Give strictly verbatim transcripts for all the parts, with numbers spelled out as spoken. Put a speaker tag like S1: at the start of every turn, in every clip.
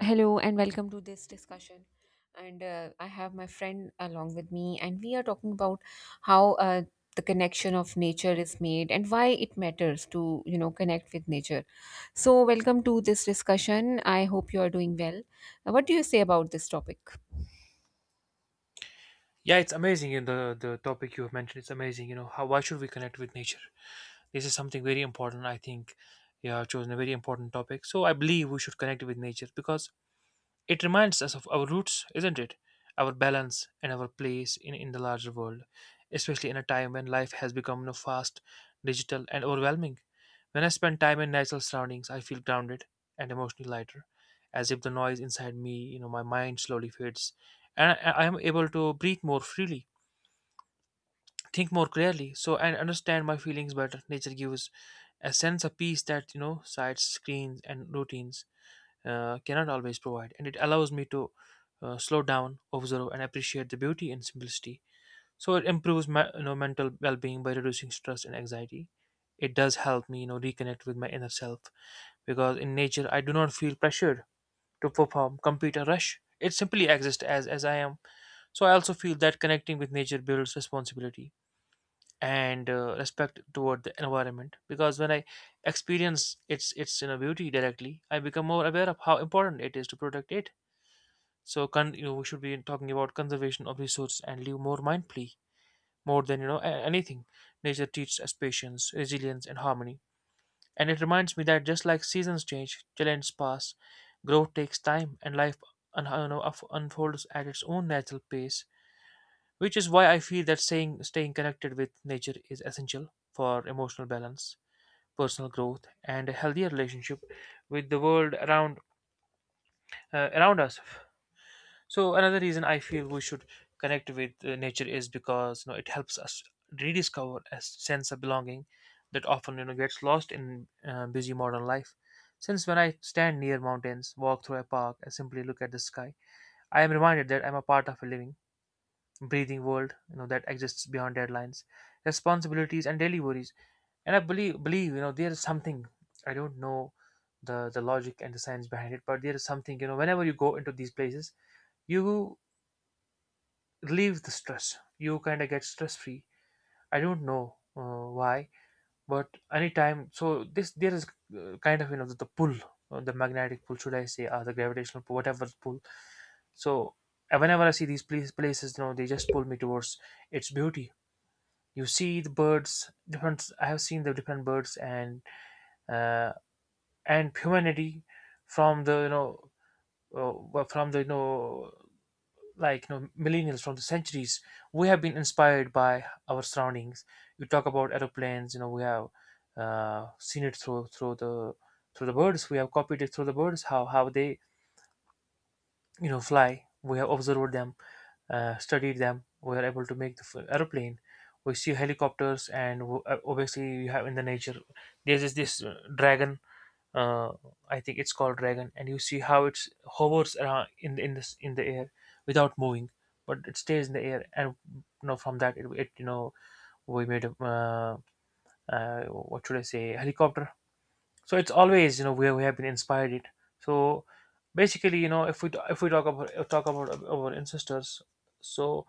S1: Hello and welcome to this discussion. And uh, I have my friend along with me, and we are talking about how uh, the connection of nature is made and why it matters to you know connect with nature. So, welcome to this discussion. I hope you are doing well. Uh, What do you say about this topic?
S2: Yeah, it's amazing in the the topic you have mentioned. It's amazing, you know, how why should we connect with nature? This is something very important. I think you have chosen a very important topic. So I believe we should connect with nature because it reminds us of our roots, isn't it? Our balance and our place in, in the larger world, especially in a time when life has become you know, fast, digital, and overwhelming. When I spend time in natural surroundings, I feel grounded and emotionally lighter, as if the noise inside me, you know, my mind slowly fades, and I I am able to breathe more freely, think more clearly, so and understand my feelings better. Nature gives a sense of peace that you know sites screens and routines uh, cannot always provide, and it allows me to uh, slow down, observe and appreciate the beauty and simplicity. So it improves my you know mental well-being by reducing stress and anxiety. It does help me you know reconnect with my inner self, because in nature I do not feel pressured to perform, compete or rush. It simply exists as as I am. So I also feel that connecting with nature builds responsibility and uh, respect toward the environment, because when I experience its its you know beauty directly, I become more aware of how important it is to protect it. So con- you know, we should be talking about conservation of resources and live more mindfully. More than you know a- anything, nature teaches us patience, resilience and harmony, and it reminds me that just like seasons change, challenges pass, growth takes time, and life un- you know, unf- unfolds at its own natural pace, which is why I feel that staying, staying connected with nature is essential for emotional balance, personal growth, and a healthier relationship with the world around uh, around us. So another reason I feel we should connect with uh, nature is because you know it helps us rediscover a sense of belonging that often you know gets lost in uh, busy modern life. Since when I stand near mountains, walk through a park, and simply look at the sky, I am reminded that I'm a part of a living, breathing world you know that exists beyond deadlines, responsibilities and daily worries. And I believe believe you know there is something, I don't know, the the logic and the science behind it, but there is something, you know whenever you go into these places, you relieve the stress, you kind of get stress free. I don't know uh, why, but anytime. So this, there is uh, kind of you know the, the pull, uh, the magnetic pull, should I say, or the gravitational pull, whatever pull. So uh, whenever I see these place, places you know they just pull me towards its beauty. You see the birds, different, I have seen the different birds, and uh, and humanity from the you know uh, well, from the you know like you know millennials from the centuries, we have been inspired by our surroundings. You talk about aeroplanes, you know we have uh, seen it through through the through the birds. We have copied it through the birds, how how they you know fly. We have observed them, uh, studied them, we are able to make the f- airplane. We see helicopters, and w- uh, obviously you have, in the nature there's this, uh, dragon, uh, I think it's called dragon, and you see how it's hovers around in the, in this in the air without moving, but it stays in the air, and you know, from that, it, it you know we made a uh, uh, what should I say, helicopter. So it's always you know where we have been inspired it. So basically you know if we, if we talk about talk about our ancestors. So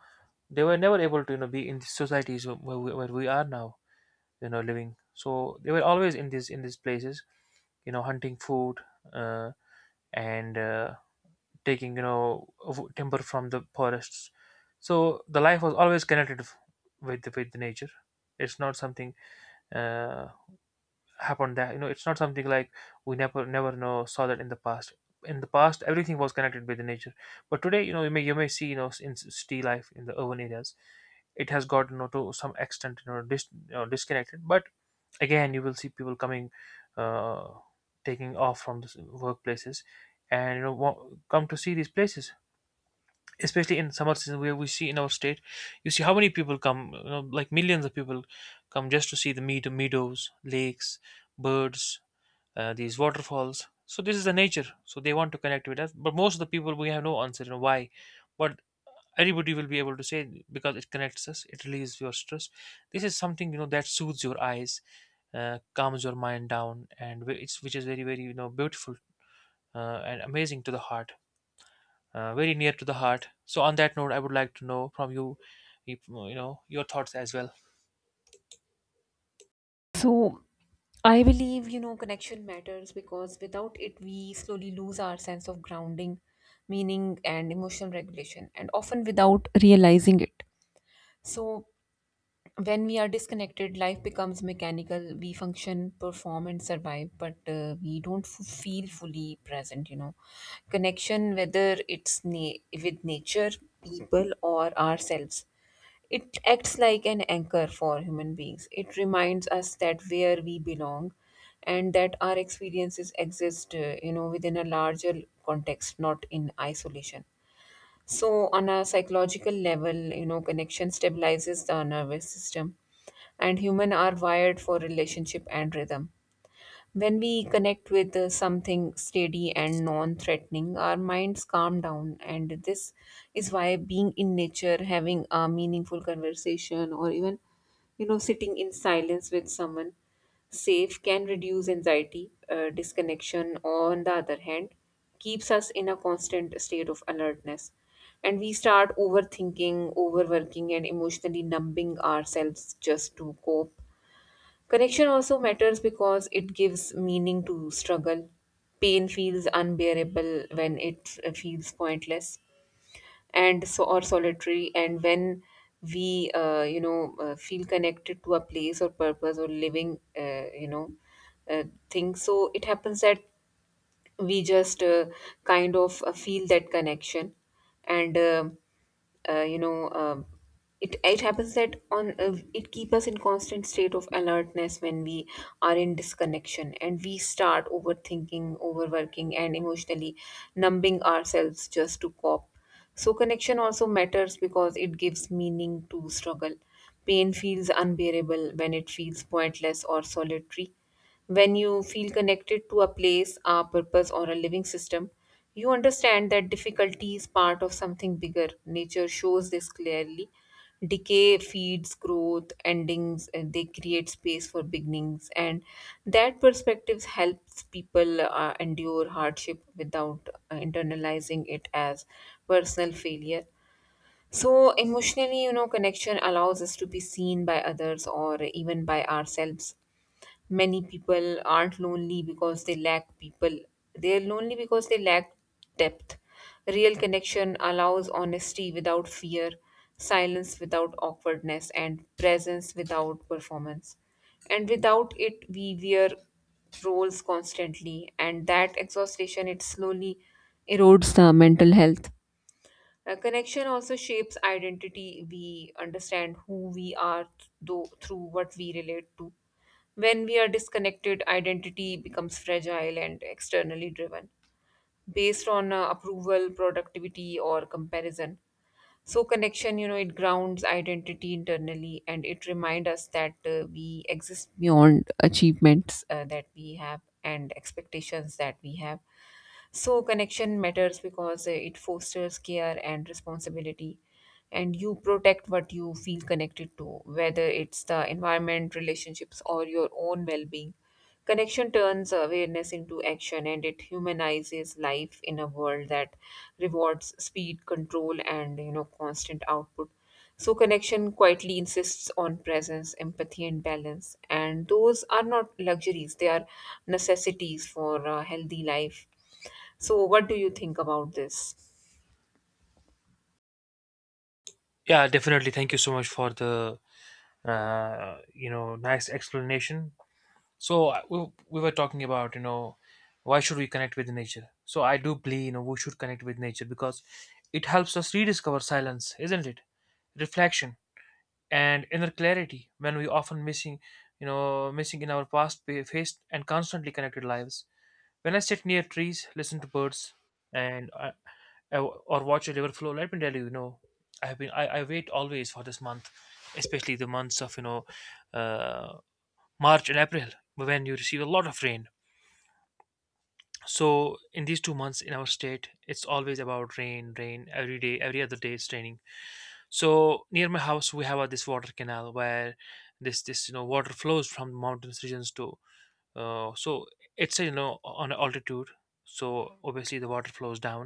S2: they were never able to you know be in the societies where we, where we are now you know living. So they were always in these in these places, you know hunting food, uh, and uh, taking you know w- timber from the forests. So the life was always connected f- with with the nature. It's not something uh, happened, that you know it's not something like we never never know saw that in the past. In the past, everything was connected with the nature. But today you know you may you may see you know in s- city life, in the urban areas, it has got you know to some extent you know, dis, you know disconnected. But again you will see people coming, uh taking off from the s- workplaces, and you know wa- come to see these places, especially in summer season, where we see in our state, you see how many people come, you know like millions of people come, just to see the meadow meadows, lakes, birds, uh, these waterfalls. So this is the nature. So they want to connect with us. But most of the people, we have no answer on why. But everybody will be able to say, because it connects us. It relieves your stress. This is something you know that soothes your eyes, uh, calms your mind down, and wh- it's which is very very you know beautiful uh, and amazing to the heart. Uh, very near to the heart. So on that note, I would like to know from you, you you know, your thoughts as well.
S1: So, I believe you know connection matters because without it, we slowly lose our sense of grounding, meaning, and emotional regulation, and often without realizing it. So when we are disconnected, life becomes mechanical. We function, perform, and survive, but uh, we don't f- feel fully present you know Connection, whether it's na- with nature, people, or ourselves, it acts like an anchor for human beings. It reminds us that where we belong, and that our experiences exist uh, you know within a larger context, not in isolation. So, on a psychological level, you know, connection stabilizes the nervous system, and humans are wired for relationship and rhythm. When we connect with uh, something steady and non threatening, our minds calm down. And this is why being in nature, having a meaningful conversation, or even, you know, sitting in silence with someone safe can reduce anxiety. Uh, disconnection, on the other hand, keeps us in a constant state of alertness. And we start overthinking, overworking, and emotionally numbing ourselves just to cope. Connection also matters because it gives meaning to struggle. Pain feels unbearable when it uh, feels pointless and so or solitary, and when we uh, you know uh, feel connected to a place or purpose or living uh, you know uh, thing, so it happens that we just uh, kind of uh, feel that connection. And um uh, you know um it, it happens that on uh, it keep us in constant state of alertness when we are in disconnection, and we start overthinking, overworking, and emotionally numbing ourselves just to cope. So connection also matters because it gives meaning to struggle. Pain feels unbearable when it feels pointless or solitary. When you feel connected to a place, a purpose, or a living system, you understand that difficulty is part of something bigger. Nature shows this clearly. Decay feeds growth, endings, and they create space for beginnings. And that perspective helps people uh, endure hardship without uh, internalizing it as personal failure. So, emotionally, you know, connection allows us to be seen by others or even by ourselves. Many people aren't lonely because they lack people, they're lonely because they lack depth. Real connection allows honesty without fear, silence without awkwardness, and presence without performance. And without it, we wear roles constantly, and that exhaustion, it slowly erodes the mental health. A connection also shapes identity. We understand who we are th- though through what we relate to. When we are disconnected, identity becomes fragile and externally driven, based on uh, approval, productivity, or comparison. So connection, you know, it grounds identity internally, and it reminds us that uh, we exist beyond achievements uh, that we have and expectations that we have. So, connection matters because uh, it fosters care and responsibility, and you protect what you feel connected to, whether it's the environment, relationships, or your own well being. Connection turns awareness into action, and it humanizes life in a world that rewards speed, control, and you know, constant output. So, connection quietly insists on presence, empathy, and balance. And those are not luxuries, they are necessities for a healthy life. So, what do you think about this?
S2: Yeah, definitely. Thank you so much for the uh, you know nice explanation. So uh, we, we were talking about you know why should we connect with nature. So I do believe you know we should connect with nature, because it helps us rediscover silence, isn't it, reflection and inner clarity, when we often missing, you know missing in our past faced and constantly connected lives. When I sit near trees, listen to birds, and uh, uh, or watch a river flow, let me tell you, you know I have been I, I wait always for this month, especially the months of you know uh, March and April, when you receive a lot of rain. So in these two months in our state, it's always about rain, rain every day, every other day it's raining. So near my house, we have uh, this water canal, where this this you know water flows from mountains regions to. Uh, so it's uh, you know on altitude, so obviously the water flows down.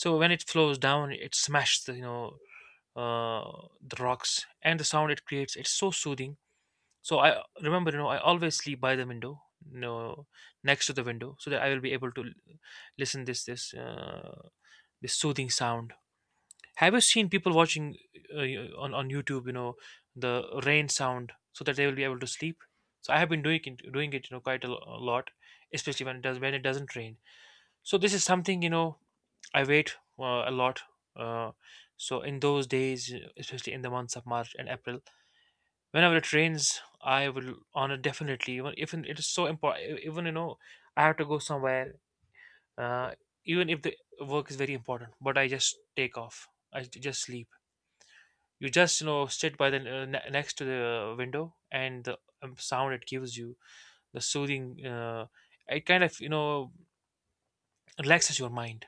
S2: So when it flows down, it smashes, the you know uh, the rocks, and the sound it creates, it's so soothing. So I remember, you know, I always sleep by the window, you know, next to the window, so that I will be able to l- listen this this uh, this soothing sound. Have you seen people watching, uh, on on YouTube, you know, the rain sound, so that they will be able to sleep? So I have been doing it, doing it, you know, quite a, lo- a lot, especially when it does when it doesn't rain. So this is something, you know, I wait uh, a lot. Uh, so in those days, especially in the months of March and April, whenever it rains, I will on it, definitely. Even if it is so important, even you know I have to go somewhere, uh, even if the work is very important, but I just take off. I j- just sleep. You just you know sit by the uh, ne- next to the window, and the um, sound it gives you, the soothing, uh, it kind of you know relaxes your mind.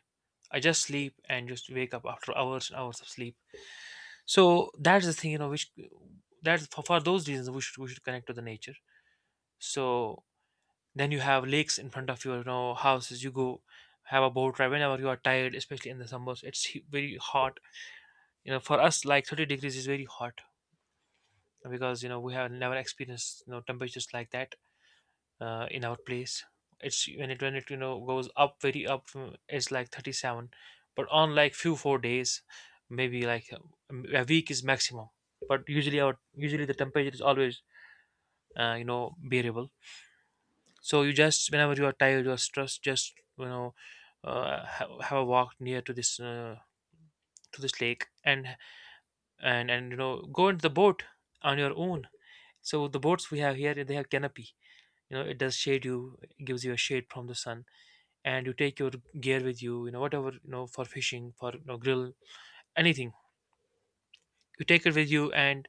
S2: I just sleep, and just wake up after hours and hours of sleep. So that's the thing, you know which, that's for, for those reasons we should we should connect to the nature. So, then you have lakes in front of your, you know, houses. You go, have a boat ride whenever you are tired, especially in the summers. It's he- very hot. You know, for us, like thirty degrees is very hot, because you know we have never experienced you know temperatures like that uh, in our place. It's when it when it you know goes up very up, mm, it's like thirty-seven, but on like few four days, maybe like um, a week is maximum. But usually our usually the temperature is always uh, you know bearable. So you, just whenever you are tired, you are stressed, just you know, uh, ha- have a walk near to this uh, to this lake, and and and you know go into the boat on your own. So the boats we have here, they have canopy. You know, it does shade you, it gives you a shade from the sun, and you take your gear with you. You know whatever, you know for fishing, for, you know, grill, anything. You take it with you, and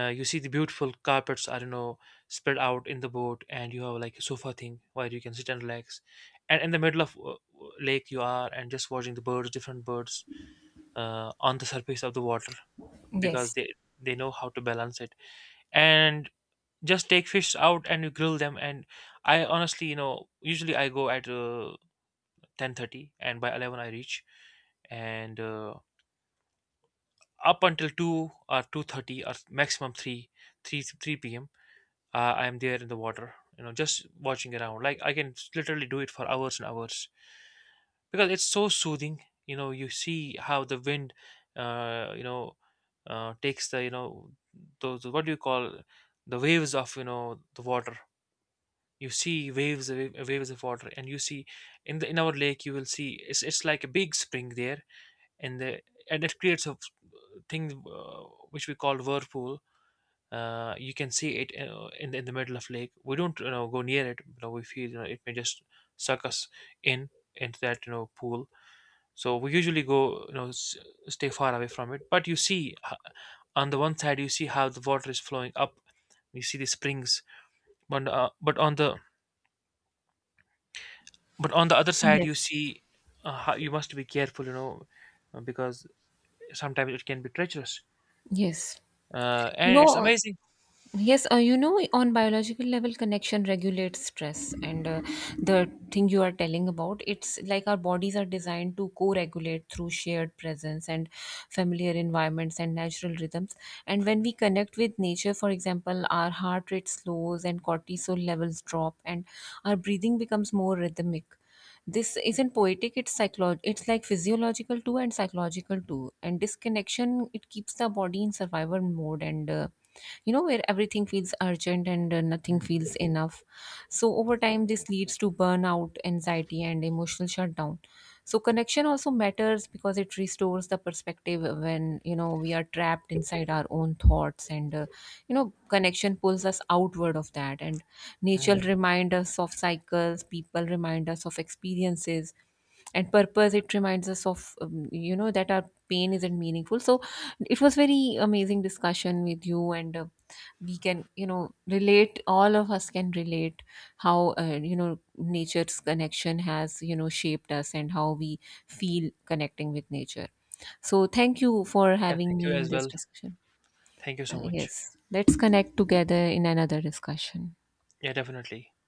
S2: Uh, you see the beautiful carpets, I don't know, spread out in the boat, and you have like a sofa thing where you can sit and relax. And in the middle of uh, lake, you are, and just watching the birds, different birds, uh, on the surface of the water, because
S1: Yes,
S2: they they know how to balance it. And just take fish out and you grill them. And I honestly, you know, usually I go at uh, ten thirty, and by eleven I reach, and uh, up until two or two thirty, or maximum three three three p.m. uh, I'm there in the water, you know just watching around, like I can literally do it for hours and hours, because it's so soothing. You know, you see how the wind uh, you know uh, takes the, you know those, what do you call, the waves of, you know the water. You see waves wa- waves of water, and you see in the in our lake, you will see it's, it's like a big spring there, and the, and it creates a thing, uh, which we call whirlpool. Uh, you can see it, uh, in the, in the middle of lake. We don't you know go near it, you know we feel you know it may just suck us in into that, you know pool. So we usually go, you know s- stay far away from it. But you see, h- on the one side you see how the water is flowing up, you see the springs, but uh, but on the but on the other side you
S1: yes,
S2: see, uh, how you must be careful, you know uh, because sometimes it can be treacherous,
S1: yes.
S2: uh,
S1: You
S2: and it's
S1: know,
S2: amazing.
S1: yes, uh, you know, on biological level, connection regulates stress, and uh, the thing you are telling about, it's like our bodies are designed to co-regulate through shared presence and familiar environments and natural rhythms. And when we connect with nature, for example, our heart rate slows and cortisol levels drop, and our breathing becomes more rhythmic. This isn't poetic; it's psycholo- it's like physiological too and psychological too. And disconnection, it keeps the body in survival mode and. Uh, you know where everything feels urgent and uh, nothing feels enough. So over time this leads to burnout, anxiety, and emotional shutdown. So connection also matters because it restores the perspective when you know we are trapped inside our own thoughts, and uh, you know connection pulls us outward of that. And nature
S2: Mhm.
S1: reminds us of cycles, people remind us of experiences and purpose. It reminds us of um, you know that our pain isn't meaningful. So it was very amazing discussion with you, and uh, we can you know relate, all of us can relate how uh, you know nature's connection has you know shaped us and how we feel connecting with nature. So thank you for
S2: Yeah,
S1: having
S2: thank you
S1: me in
S2: as
S1: this
S2: well.
S1: discussion.
S2: Thank you so
S1: Uh,
S2: much.
S1: yes let's connect together in another discussion.
S2: Yeah, definitely.